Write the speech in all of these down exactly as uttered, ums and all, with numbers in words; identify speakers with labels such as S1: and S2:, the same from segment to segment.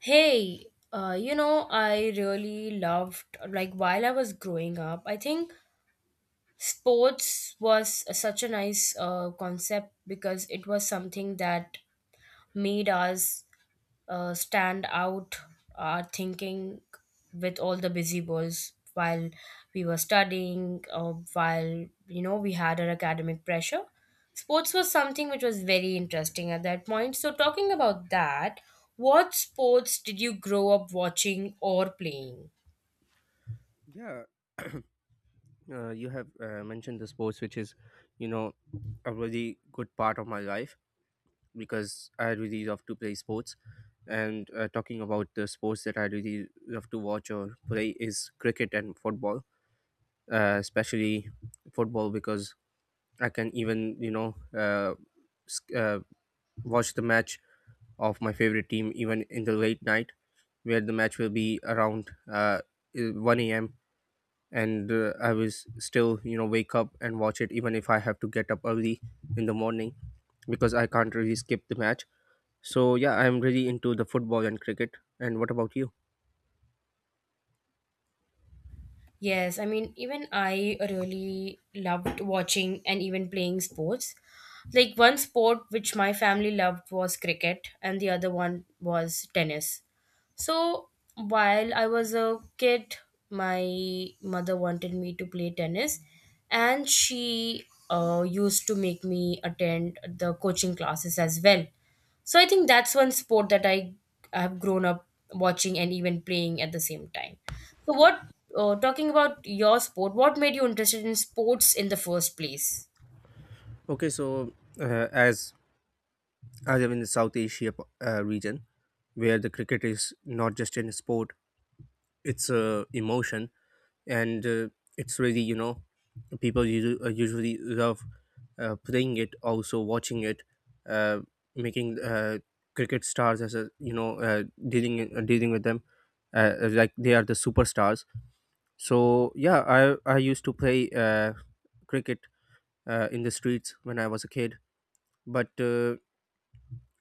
S1: Hey, uh, you know, I really loved, like, while I was growing up, I think sports was such a nice uh, concept because it was something that made us uh, stand out our thinking with all the busy boys while we were studying, or while you know we had our academic pressure. Sports was something which was very interesting at that point, so talking about that, what sports did you grow up watching or playing?
S2: Yeah, uh, you have uh, mentioned the sports, which is, you know, a really good part of my life because I really love to play sports. And uh, talking about the sports that I really love to watch or play is cricket and football, uh, especially football because I can even, you know, uh, sc- uh, watch the match of my favorite team even in the late night where the match will be around uh, one a m And uh, I was still, you know, wake up and watch it even if I have to get up early in the morning because I can't really skip the match. So yeah, I'm really into the football and cricket. And what about you?
S1: Yes, I mean, even I really loved watching and even playing sports. Like, one sport which my family loved was cricket, and the other one was tennis. So while I was a kid, my mother wanted me to play tennis, and she uh, used to make me attend the coaching classes as well. So I think that's one sport that I I have grown up watching and even playing at the same time. So what uh, talking about your sport, what made you interested in sports in the first place?
S2: Okay, so uh, as I live in the South Asia uh, region where the cricket is not just an sport, it's a emotion. And uh, it's really, you know, people usu- uh, usually love uh, playing it, also watching it, uh, making uh, cricket stars as a, you know, uh, dealing uh, dealing with them uh, uh, like they are the superstars. So yeah, i i used to play uh, cricket uh, in the streets when I was a kid. But uh,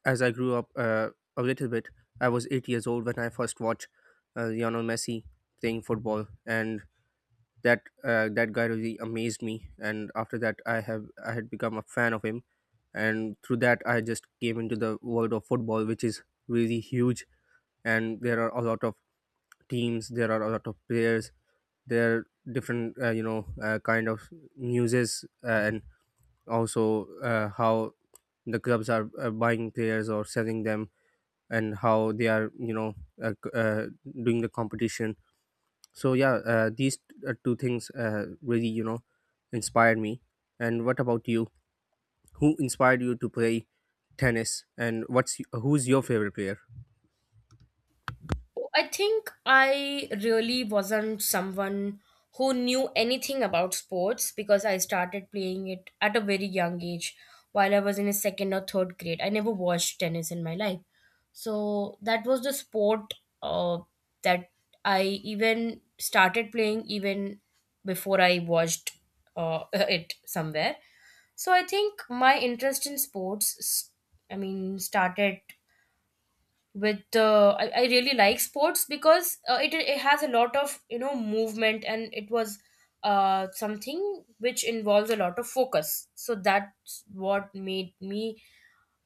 S2: as I grew up uh, a little bit, I was eight years old when I first watched uh, Lionel Messi playing football, and that uh, that guy really amazed me, and after that i have I had become a fan of him. And through that I just came into the world of football, which is really huge. And there are a lot of teams, there are a lot of players, there are different, uh, you know uh, kind of newses, uh, and also uh, how the clubs are uh, buying players or selling them, and how they are, you know, uh, c- uh, doing the competition. So yeah, uh, these uh, two things uh, really, you know, inspired me. And what about you? Who inspired you to play tennis, and what's who's your favorite player?
S1: I think I really wasn't someone who knew anything about sports because I started playing it at a very young age while I was in a second or third grade. I never watched tennis in my life. So that was the sport uh, that I even started playing even before I watched uh, it somewhere. So I think my interest in sports, s- I mean, started with uh, I, I really like sports because uh, it, it has a lot of you know movement, and it was uh, something which involves a lot of focus. So that's what made me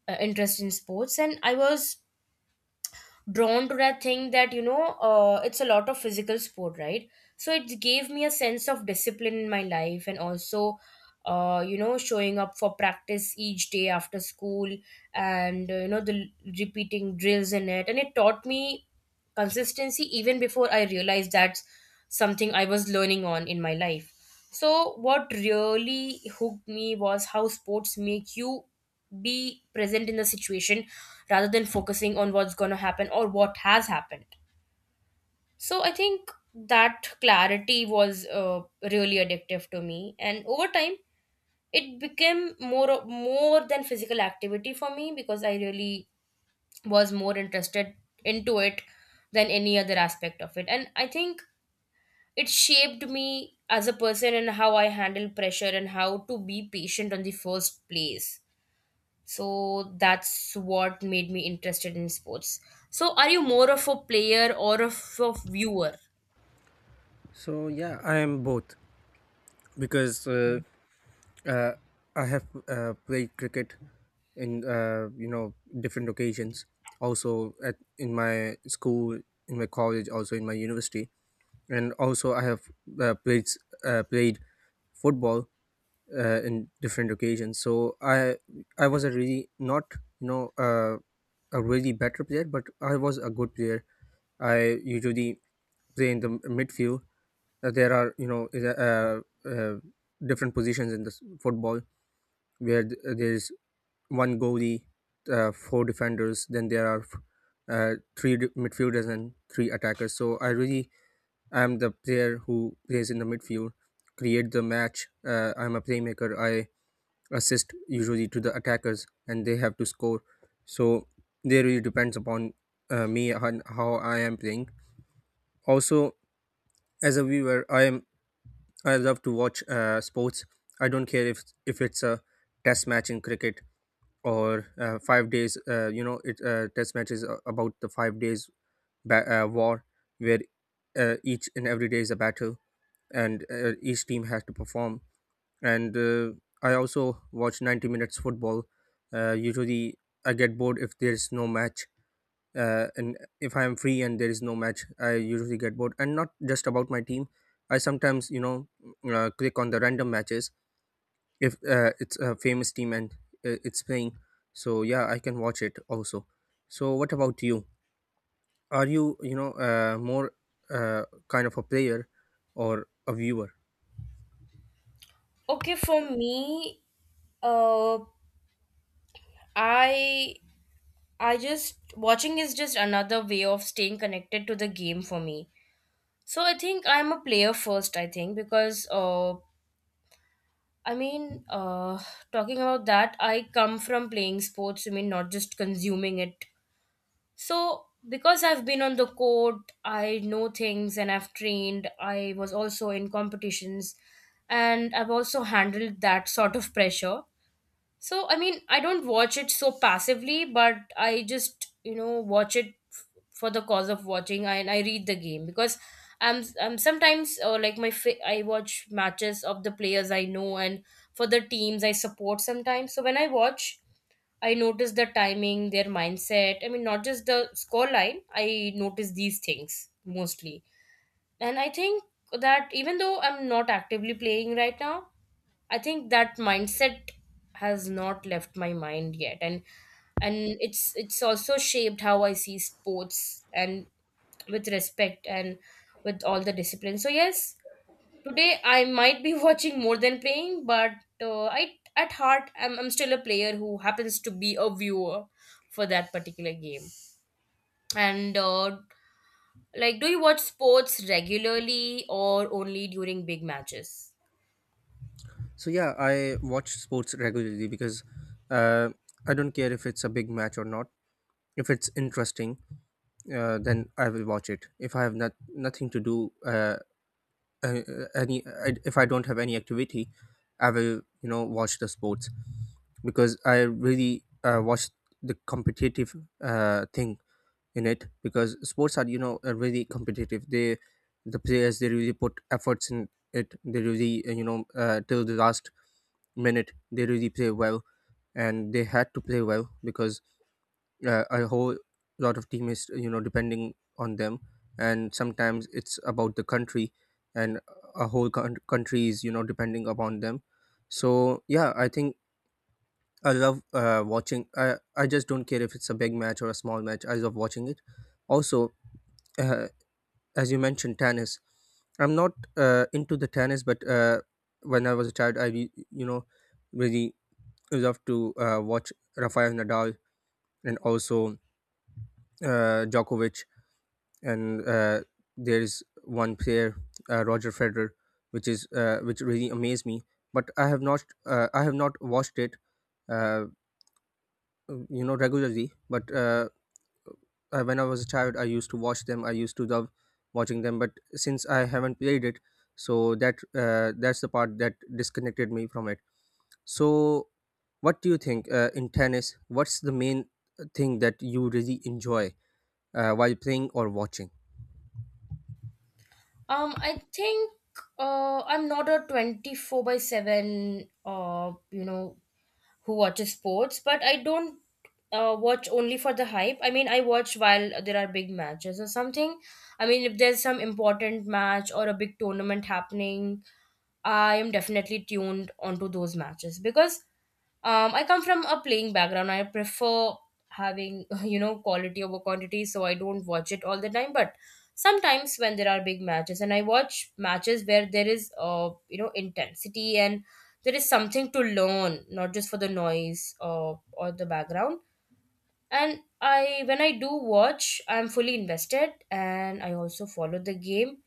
S1: uh, interested in sports. And I was drawn to that thing that you know uh, it's a lot of physical sport, right? So it gave me a sense of discipline in my life, and also uh, you know showing up for practice each day after school and uh, you know the repeating drills in it, and it taught me consistency even before I realized that's something I was learning on in my life. So, what really hooked me was how sports make you be present in the situation rather than focusing on what's going to happen or what has happened. So, I think that clarity was uh, really addictive to me, and over time, it became more of- more than physical activity for me because I really was more interested into it than any other aspect of it. And I think it shaped me as a person and how I handle pressure and how to be patient on the first place. So that's what made me interested in sports. So are you more of a player or of a viewer?
S2: So yeah, I am both because uh, uh, I have uh, played cricket in, uh, you know different occasions. Also at in my school, in my college, also in my university. And also I have uh, played uh, played football uh, in different occasions. So I I was a really not, you know uh, a really better player, but I was a good player. I usually play in the m- midfield. Uh, there are, you know, is a- uh, uh, different positions in this football where th- uh, there is one goalie, uh, four defenders. Then there are uh, three d- midfielders and three attackers. So I really am the player who plays in the midfield, create the match. Uh, I'm a playmaker. I assist usually to the attackers, and they have to score. So they really depends upon uh, me and how I am playing. Also, as a viewer, i am I love to watch uh, sports. I don't care if if it's a test match in cricket or uh, five days. Uh, you know it uh, Test match is a- about the five days ba- uh, war where uh, each and every day is a battle, and uh, each team has to perform. And uh, I also watch ninety minutes football, uh, usually. I get bored if there's no match, uh, and if I am free and there is no match I usually get bored. And not just about my team, I sometimes, you know, uh, click on the random matches if uh, it's a famous team and uh, it's playing. So yeah, I can watch it also. So what about you? Are you, you know uh, more uh, kind of a player or a viewer?
S1: Okay, for me, uh, I I just watching is just another way of staying connected to the game for me. So I think I'm a player first. I think because uh, I mean, uh, talking about that, I come from playing sports. I mean, not just consuming it. So, because I've been on the court, I know things, and I've trained, I was also in competitions, and I've also handled that sort of pressure. So, I mean, I don't watch it so passively, but I just, you know, watch it f- for the cause of watching, and I read the game because I'm, I'm sometimes uh, like my fa- I watch matches of the players I know and for the teams I support sometimes. So when I watch, I notice the timing, their mindset. I mean, not just the score line. I notice these things mostly. And I think that even though I'm not actively playing right now, I think that mindset has not left my mind yet, and and it's it's also shaped how I see sports, and with respect and with all the discipline. So yes, today I might be watching more than playing, but uh, I, at heart, I'm, I'm still a player who happens to be a viewer for that particular game. And uh, like, do you watch sports regularly or only during big matches?
S2: So yeah, I watch sports regularly because uh, I don't care if it's a big match or not. If it's interesting, uh, then I will watch it. If I have not nothing to do, uh, uh, any I, if I don't have any activity, I will, you know, watch the sports because I really uh, watch the competitive uh, thing in it, because sports are, you know, are really competitive. They, the players, they really put efforts in it. They really, uh, you know uh, till the last minute, they really play well, and they had to play well because uh, a whole lot of team is, you know, depending on them. And sometimes it's about the country, and a whole coun- country is, you know, depending upon them. So yeah, I think I love uh, watching. I, I just don't care if it's a big match or a small match, I love watching it. Also, uh, as you mentioned tennis, I'm not uh, into the tennis. But uh, when I was a child, I re- you know really loved to uh, watch Rafael Nadal, and also uh, Djokovic. And uh, there is one player, uh, Roger Federer, which is uh, which really amazed me. But i have not uh, I have not watched it uh, you know regularly. But uh, uh, when I was a child, I used to watch them. I used to love watching them. But since I haven't played it, so that uh, that's the part that disconnected me from it. So, what do you think uh, in tennis? What's the main thing that you really enjoy uh, while playing or watching?
S1: Um, I think uh, I'm not a twenty-four by seven, uh, you know, who watches sports, but I don't uh, watch only for the hype. I mean, I watch while there are big matches or something. I mean, if there's some important match or a big tournament happening, I am definitely tuned onto those matches because um, I come from a playing background. I prefer having you know quality over quantity, so I don't watch it all the time. But sometimes when there are big matches, and I watch matches where there is uh, you know intensity, and there is something to learn, not just for the noise or or the background. And i when I do watch, I'm fully invested, and I also follow the game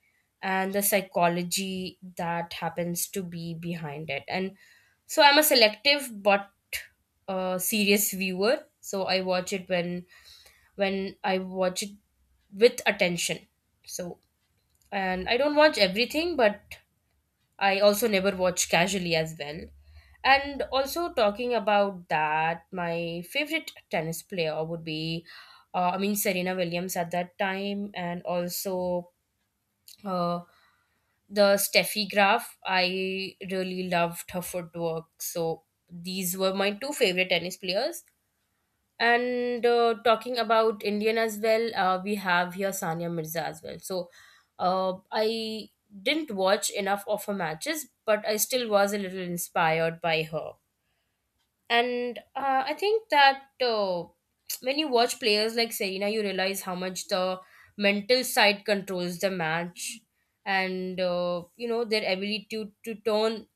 S1: and the psychology that happens to be behind it. And so I'm a selective but uh, serious viewer. So I watch it when when I watch it with attention. So, and I don't watch everything, but I also never watch casually as well. And also talking about that, my favorite tennis player would be, uh, I mean, Serena Williams at that time, and also uh, the Steffi Graf. I really loved her footwork. So these were my two favorite tennis players. And uh, talking about Indian as well, uh, we have here Sania Mirza as well. So uh, I didn't watch enough of her matches, but I still was a little inspired by her. And uh, I think that uh, when you watch players like Serena, you realize how much the mental side controls the match, and uh, you know their ability to, to turn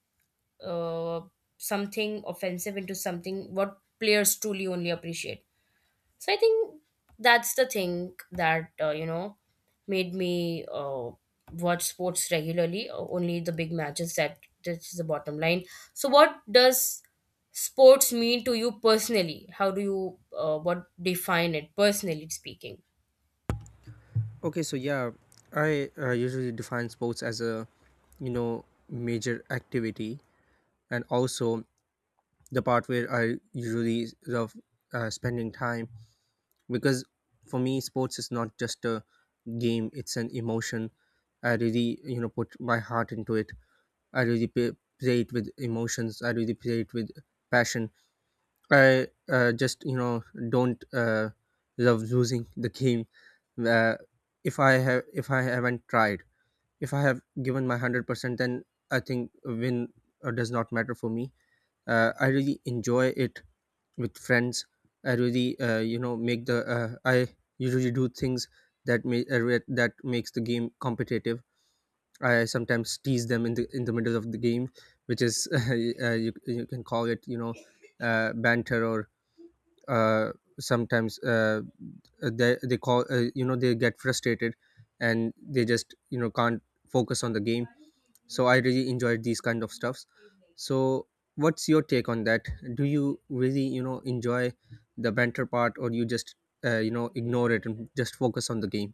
S1: uh, something offensive into something what players truly only appreciate. So I think that's the thing that uh, you know made me uh, watch sports regularly, uh, only the big matches. That that's the bottom line. So what does sports mean to you personally? How do you uh, what, define it personally speaking?
S2: Okay, so yeah, I uh, usually define sports as a, you know, major activity, and also the part where I usually love uh, spending time, because for me sports is not just a game, it's an emotion. I really, you know, put my heart into it. I really play, play it with emotions. I really play it with passion. I uh, just, you know, don't uh, love losing the game. uh, if I have if I haven't tried, if I have given my one hundred percent, then I think a win uh, does not matter for me. uh, I really enjoy it with friends. I really, uh, you know make the uh, I usually do things that may uh, re- that makes the game competitive. I sometimes tease them in the in the middle of the game, which is uh, you, you can call it, you know, uh, banter. Or uh, sometimes uh, they, they call, uh, you know they get frustrated, and they just, you know, can't focus on the game. So I really enjoyed these kind of stuffs. So what's your take on that? Do you really, you know, enjoy the banter part, or you just, uh, you know ignore it and just focus on the game?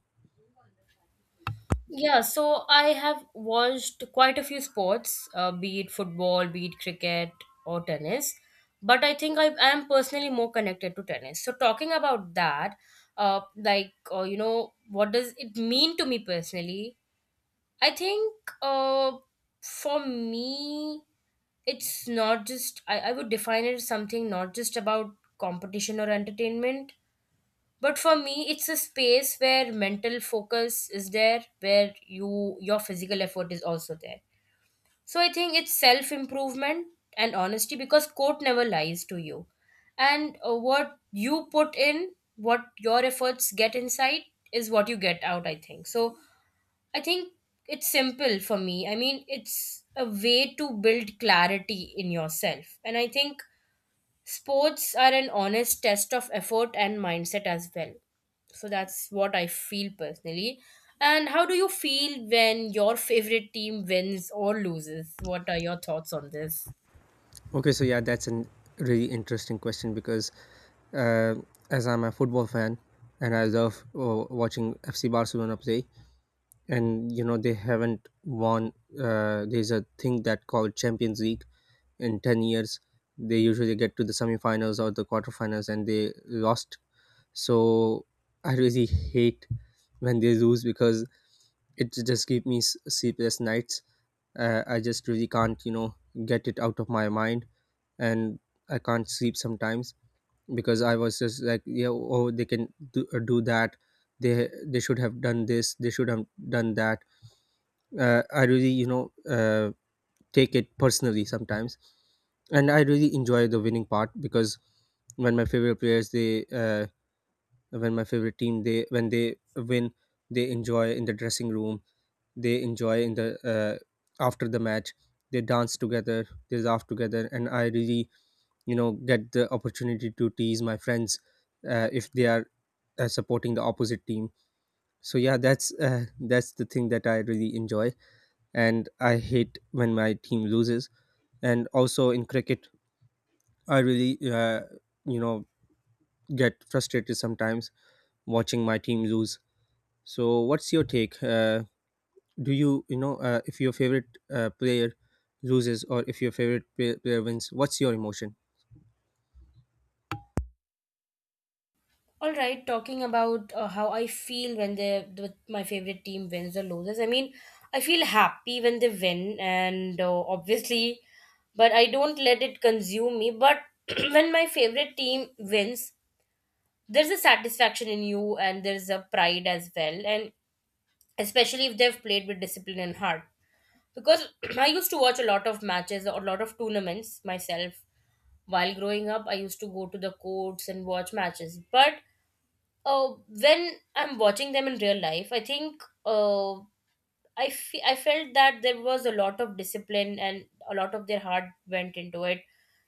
S1: Yeah, so I have watched quite a few sports, uh, be it football, be it cricket, or tennis. But I think I am personally more connected to tennis. So talking about that, uh, like uh, you know, what does it mean to me personally? I think uh, for me, it's not just I, I would define it as something not just about competition or entertainment, but for me, it's a space where mental focus is there, where you, your physical effort is also there. So I think it's self improvement and honesty because court never lies to you. And uh, what you put in, what your efforts get inside, is what you get out, I think. So I think it's simple for me. I mean, it's a way to build clarity in yourself, and I think sports are an honest test of effort and mindset as well. So that's what I feel personally. And how do you feel when your favorite team wins or loses? What are your thoughts on this?
S2: Okay, so yeah, that's a really interesting question, because uh, as I'm a football fan and I love uh, watching FC Barcelona play. And you know, they haven't won, uh, there's a thing that called Champions League, in ten years. They usually get to the semifinals or the quarterfinals, and they lost. So I really hate when they lose, because it just gives me s- sleepless nights. Uh, I just really can't, you know, get it out of my mind, and I can't sleep sometimes, because I was just like, yeah, oh, they can do, uh, do that. They they should have done this. They should have done that. Uh, I really, you know, uh, take it personally sometimes. And I really enjoy the winning part because when my favorite players they uh, when my favorite team they when they win, they enjoy in the dressing room, they enjoy in the, uh, after the match, they dance together, they laugh together. And I really, you know, get the opportunity to tease my friends uh, if they are uh, supporting the opposite team. So yeah, that's uh, that's the thing that I really enjoy. And I hate when my team loses. And also in cricket, I really, uh, you know get frustrated sometimes watching my team lose. So, what's your take? Uh, do you, you know, uh, if your favorite uh, player loses, or if your favorite play- player wins, what's your emotion?
S1: All right, talking about uh, how I feel when the, the my favorite team wins or loses. I mean, I feel happy when they win, and uh, obviously, but I don't let it consume me. But when my favorite team wins, there's a satisfaction in you, and there's a pride as well, and especially if they've played with discipline and heart. Because I used to watch a lot of matches or a lot of tournaments myself while growing up. I used to go to the courts and watch matches. But uh, when I'm watching them in real life, I think uh, I, fe- I felt that there was a lot of discipline, and a lot of their heart went into it,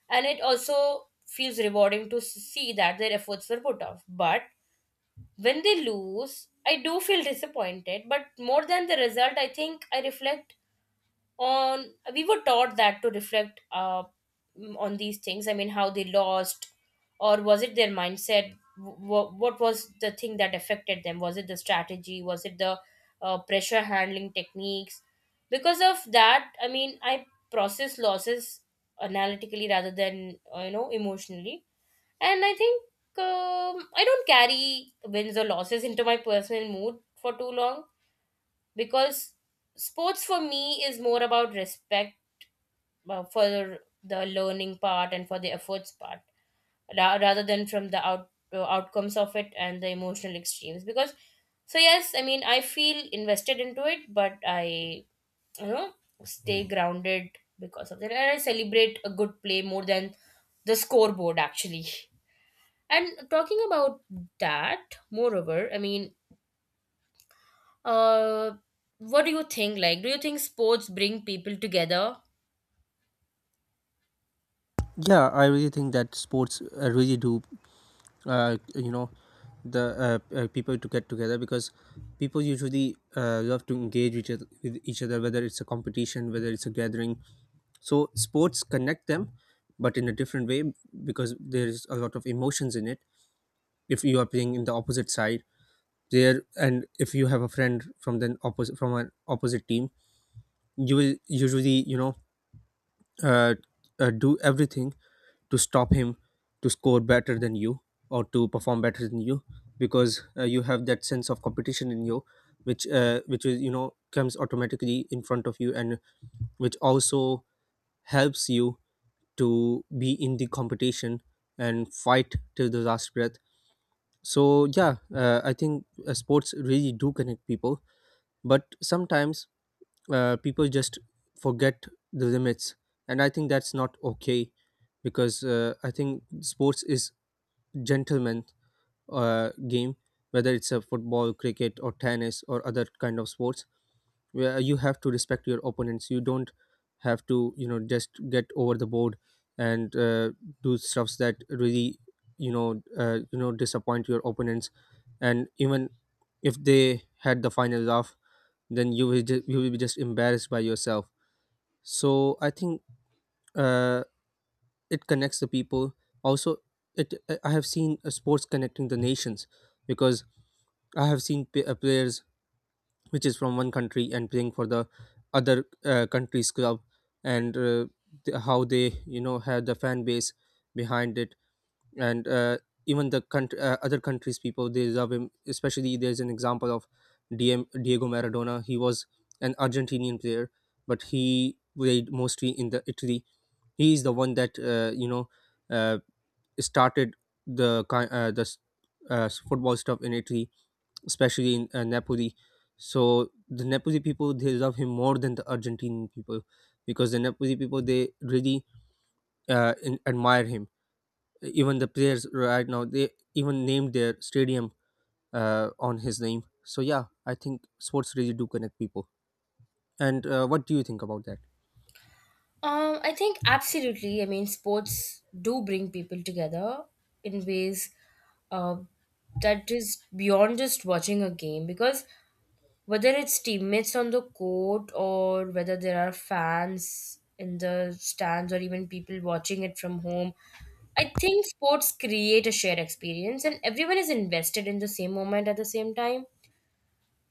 S1: and it also feels rewarding to s- see that their efforts were put off. But when they lose, I do feel disappointed, but more than the result, I think I reflect on. We were taught that to reflect uh, mm, on these things. I mean, how they lost, or was it their mindset? What, what was the thing that affected them? Was it the strategy? Was it the uh, pressure handling techniques? Because of that, I mean, I process losses analytically rather than uh, you know emotionally. And I think um, I don't carry wins or losses into my personal mood for too long, because sports for me is more about respect uh, for the learning part and for the efforts part, ra- rather than from the out- uh, outcomes of it and the emotional extremes. Because, so yes, I mean, I feel invested into it, but I, you know, stay grounded because of that. And I celebrate a good play more than the scoreboard, actually. And talking about that, moreover, I mean, uh, what do you think? Like, do you think sports bring people together?
S2: Yeah, I really think that sports uh, really do, uh, you know, the uh, uh, people to get together, because people usually uh, love to engage each other, with each other, whether it's a competition, whether it's a gathering. So, sports connect them, but in a different way, because there is a lot of emotions in it. If you are playing in the opposite side, there and if you have a friend from the opposite from an opposite team, you will usually you know uh, uh, do everything to stop him, to score better than you or to perform better than you, because uh, you have that sense of competition in you, which uh, which is, you know comes automatically in front of you, and which also helps you to be in the competition and fight till the last breath. So yeah, uh, I think uh, sports really do connect people. But sometimes, uh, people just forget the limits, and I think that's not okay, because uh, I think sports is gentleman uh, game, whether it's a football, cricket, or tennis, or other kind of sports, where you have to respect your opponents. You don't have to, you know just get over the board and uh, do stuffs that really you know uh, you know disappoint your opponents. And even if they had the final laugh, then you will just you will be just embarrassed by yourself. So I think, uh, it connects the people. Also, it I I have seen uh, sports connecting the nations, because I have seen p- uh, players which is from one country and playing for the other uh, country's club, and uh, th- how they, you know have the fan base behind it. And uh, even the country, uh, other countries people, they love him. Especially, there's an example of D M, Diego Maradona. He was an Argentinian player, but he played mostly in the Italy. He is the one that, uh, you know uh, started the ki- uh, the s- uh, s- football stuff in Italy, especially in uh, Napoli. So the Napoli people, they love him more than the Argentinian people, because the Napoli people, they really uh, in, admire him. Even the players right now, they even named their stadium uh, on his name. So yeah, I think sports really do connect people. And uh, what do you think about that?
S1: Um, I think absolutely. I mean, sports do bring people together in ways uh, that is beyond just watching a game, because whether it's teammates on the court or whether there are fans in the stands or even people watching it from home, I think sports create a shared experience and everyone is invested in the same moment at the same time.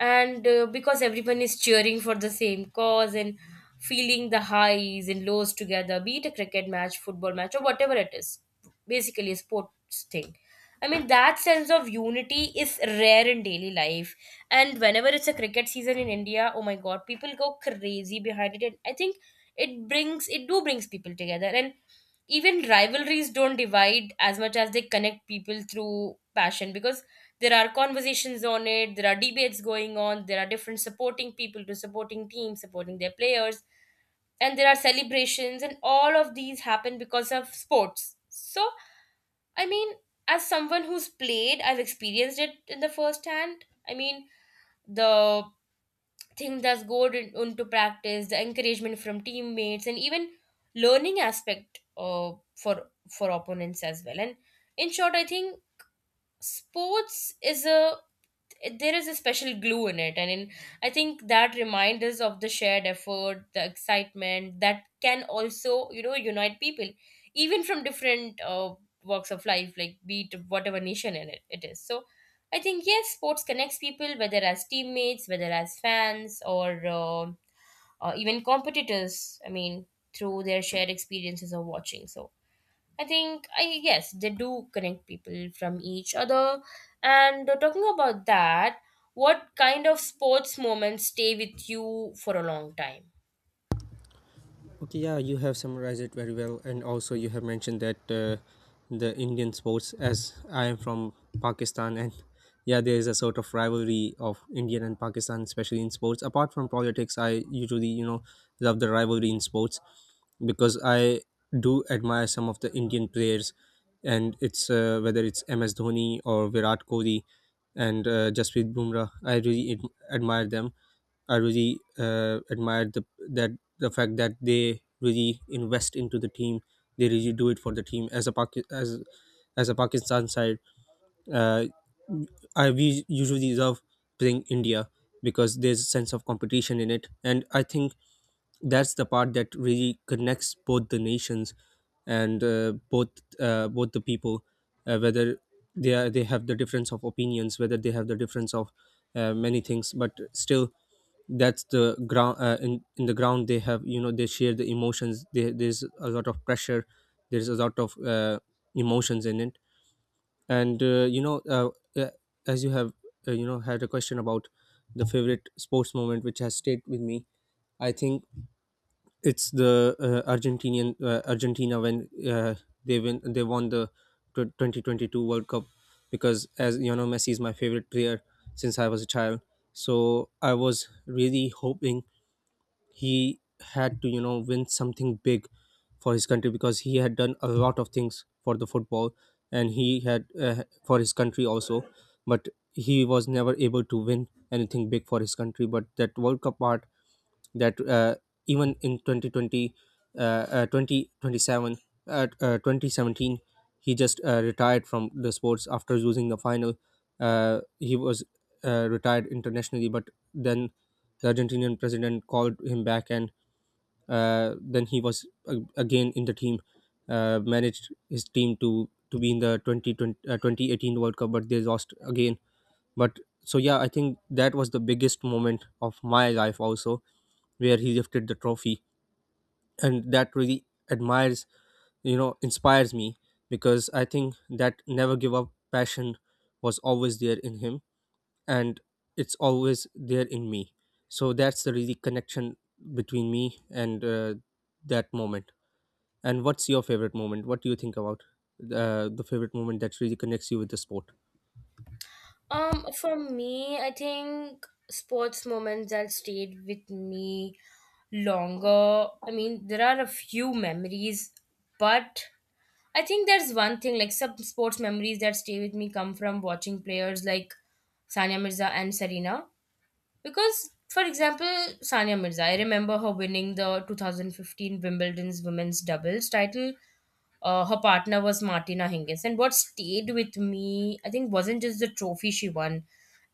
S1: And uh, because everyone is cheering for the same cause and feeling the highs and lows together, be it a cricket match, football match, or whatever it is, basically a sports thing. I mean, that sense of unity is rare in daily life. And whenever it's a cricket season in India, oh my god, people go crazy behind it, and I think it brings it do brings people together. And even rivalries don't divide as much as they connect people through passion, because there are conversations on it, there are debates going on, there are different supporting people, to supporting teams, supporting their players, and there are celebrations, and all of these happen because of sports. So I mean, as someone who's played, I've experienced it in the first hand. I mean, the things that's good in- into practice, the encouragement from teammates and even learning aspect uh, for for opponents as well. And in short, I think sports is a, it, there is a special glue in it. And in, I think that reminds us of the shared effort, the excitement that can also, you know, unite people even from different uh, walks of life, like be it whatever nation in it, it is. So I think, yes, sports connects people, whether as teammates, whether as fans, or uh, uh, even competitors. I mean, through their shared experiences of watching. So I think I, yes, they do connect people from each other. And uh, talking about that, what kind of sports moments stay with you for a long time?
S2: Okay, yeah, you have summarized it very well, and also you have mentioned that, uh, the Indian sports. As I am from Pakistan, and yeah, there is a sort of rivalry of Indian and Pakistan, especially in sports. Apart from politics, I usually you know love the rivalry in sports, because I do admire some of the Indian players, and it's, uh, whether it's M S Dhoni or Virat Kohli, and uh, Jasprit Bumrah. I really ad- admire them. I really uh, admired the, that the fact that they really invest into the team, they really do it for the team. As a Paki- as as a Pakistan side, uh, I we usually love playing India, because there's a sense of competition in it. And I think that's the part that really connects both the nations, and uh, both, uh, both the people, uh, whether they are, they have the difference of opinions, whether they have the difference of uh, many things. But still, that's the ground, uh, in in the ground they have, you know they share the emotions there. There's a lot of pressure, there's a lot of uh, emotions in it. And uh, you know uh, uh, as you have, uh, you know had a question about the favorite sports moment which has stayed with me, I think it's the uh, argentinian uh, Argentina when, uh, they win they won the tw- twenty twenty-two world cup. Because as you know, Messi is my favorite player since I was a child. So I was really hoping he had to, you know win something big for his country, because he had done a lot of things for the football, and he had, uh, for his country also. But he was never able to win anything big for his country. But that world cup part, that, uh, even in twenty twenty, uh, uh, twenty twenty-seven, uh, uh, twenty seventeen, he just uh, retired from the sports after losing the final. Uh, he was uh, retired internationally, but then the Argentinian president called him back, and uh, then he was uh, again in the team, uh, managed his team to to be in the twenty twenty, uh, twenty eighteen world cup, but they lost again. But so yeah, I think that was the biggest moment of my life also, where he lifted the trophy. And that really admires you know inspires me, because I think that never give up passion was always there in him, and it's always there in me. So that's the really connection between me and, uh, that moment. And what's your favorite moment? What do you think about, uh, the favorite moment that really connects you with the sport?
S1: Um, for me, I think sports moments that stayed with me longer. I mean, there are a few memories, but I think there's one thing, like some sports memories that stay with me come from watching players like Sania Mirza and Serena. Because, for example, Sania Mirza, I remember her winning the twenty fifteen Wimbledon's women's doubles title. Uh, her partner was Martina Hingis. And what stayed with me, I think, wasn't just the trophy she won,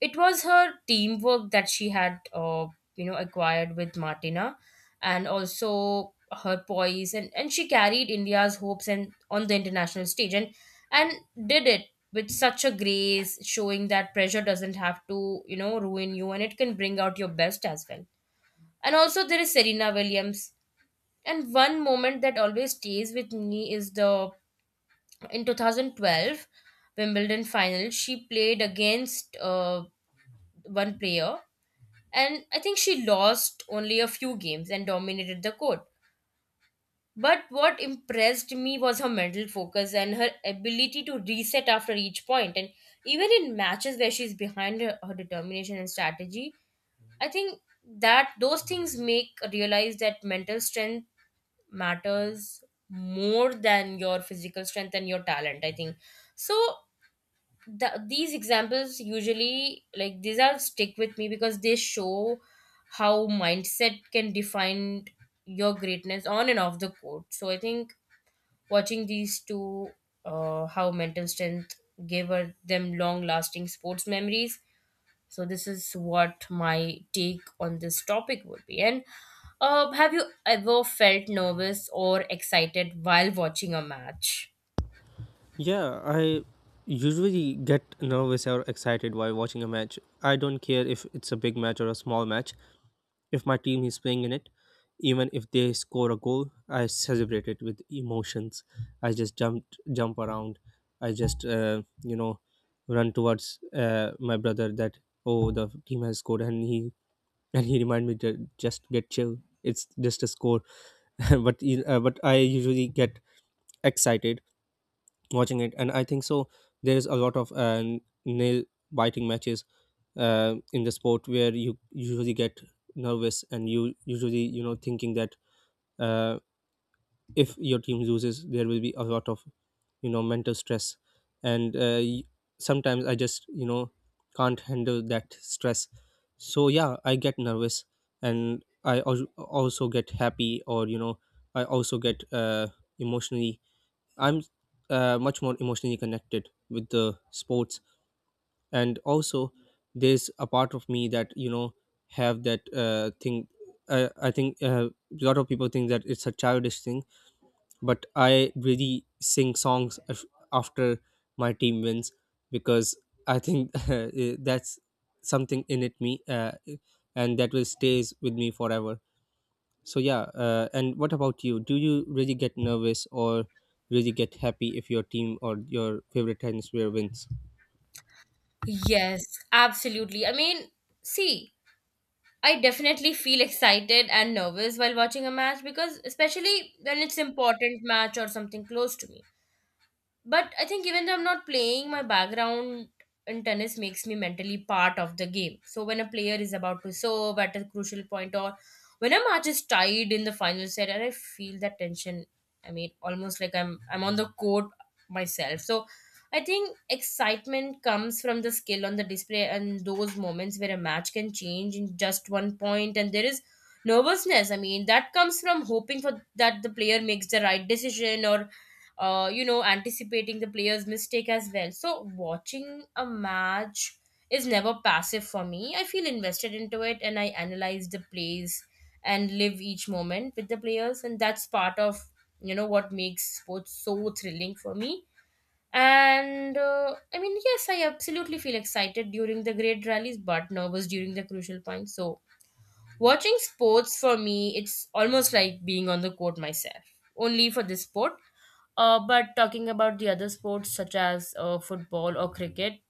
S1: it was her teamwork that she had, uh, you know, acquired with Martina, and also her poise. And, and she carried India's hopes and on the international stage, and, and did it with such a grace, showing that pressure doesn't have to, you know, ruin you, and it can bring out your best as well. And also, there is Serena Williams. And one moment that always stays with me is the in two thousand twelve Wimbledon final. She played against uh, one player, and I think she lost only a few games and dominated the court. But what impressed me was her mental focus and her ability to reset after each point. And even in matches where she's behind her, her determination and strategy, I think that those things make realize that mental strength matters more than your physical strength and your talent. I think so the, these examples usually, like these are stick with me because they show how mindset can define your greatness on and off the court. So I think watching these two, uh, how mental strength gave her them long lasting sports memories. So this is what my take on this topic would be. And uh, have you ever felt nervous or excited while watching a match?
S2: Yeah, I usually get nervous or excited while watching a match. I don't care if it's a big match or a small match. If my team is playing in it, even if they score a goal, I celebrate it with emotions. I just jump jump around. I just, uh, you know run towards, uh, my brother, that oh, the team has scored, and he and he remind me to just get chill. It's just a score, but you- uh, but I usually get excited watching it. And I think so, there is a lot of uh, nail biting matches uh, in the sport, where you usually get nervous, and you usually you know thinking that, uh, if your team loses, there will be a lot of you know mental stress. And uh, y- sometimes I just, you know can't handle that stress. So yeah, I get nervous, and I al- also get happy, or you know I also get uh, emotionally. I'm uh, much more emotionally connected with the sports. And also, there's a part of me that, you know have that uh, thing. I, I think, uh, a lot of people think that it's a childish thing, but I really sing songs af- after my team wins. Because I think uh, that's something in it me, uh, and that will stays with me forever. So yeah, uh, and what about you? Do you really get nervous or really get happy if your team or your favorite tennis player wins?
S1: Yes, absolutely. I mean, see, I definitely feel excited and nervous while watching a match, because especially when it's important match or something close to me. But I think even though I'm not playing, my background in tennis makes me mentally part of the game. So when a player is about to serve at a crucial point, or when a match is tied in the final set, and I feel that tension, I mean, almost like I'm i'm on the court myself. So I think excitement comes from the skill on the display and those moments where a match can change in just one point. And there is nervousness, I mean, that comes from hoping for that the player makes the right decision, or uh, you know, anticipating the player's mistake as well. So watching a match is never passive for me. I feel invested into it, and I analyze the plays and live each moment with the players, and that's part of, you know, what makes sports so thrilling for me. And uh, I mean, yes, I absolutely feel excited during the great rallies, but nervous during the crucial points. So watching sports for me, it's almost like being on the court myself, only for this sport. Uh, but talking about the other sports such as uh, football or cricket,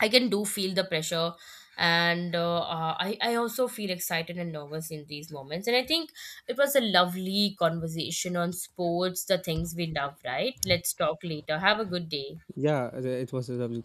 S1: I can do feel the pressure. And uh, uh, I I also feel excited and nervous in these moments. And I think it was a lovely conversation on sports, the things we love. Right? Let's talk later. Have a good day.
S2: Yeah, uh, it was a lovely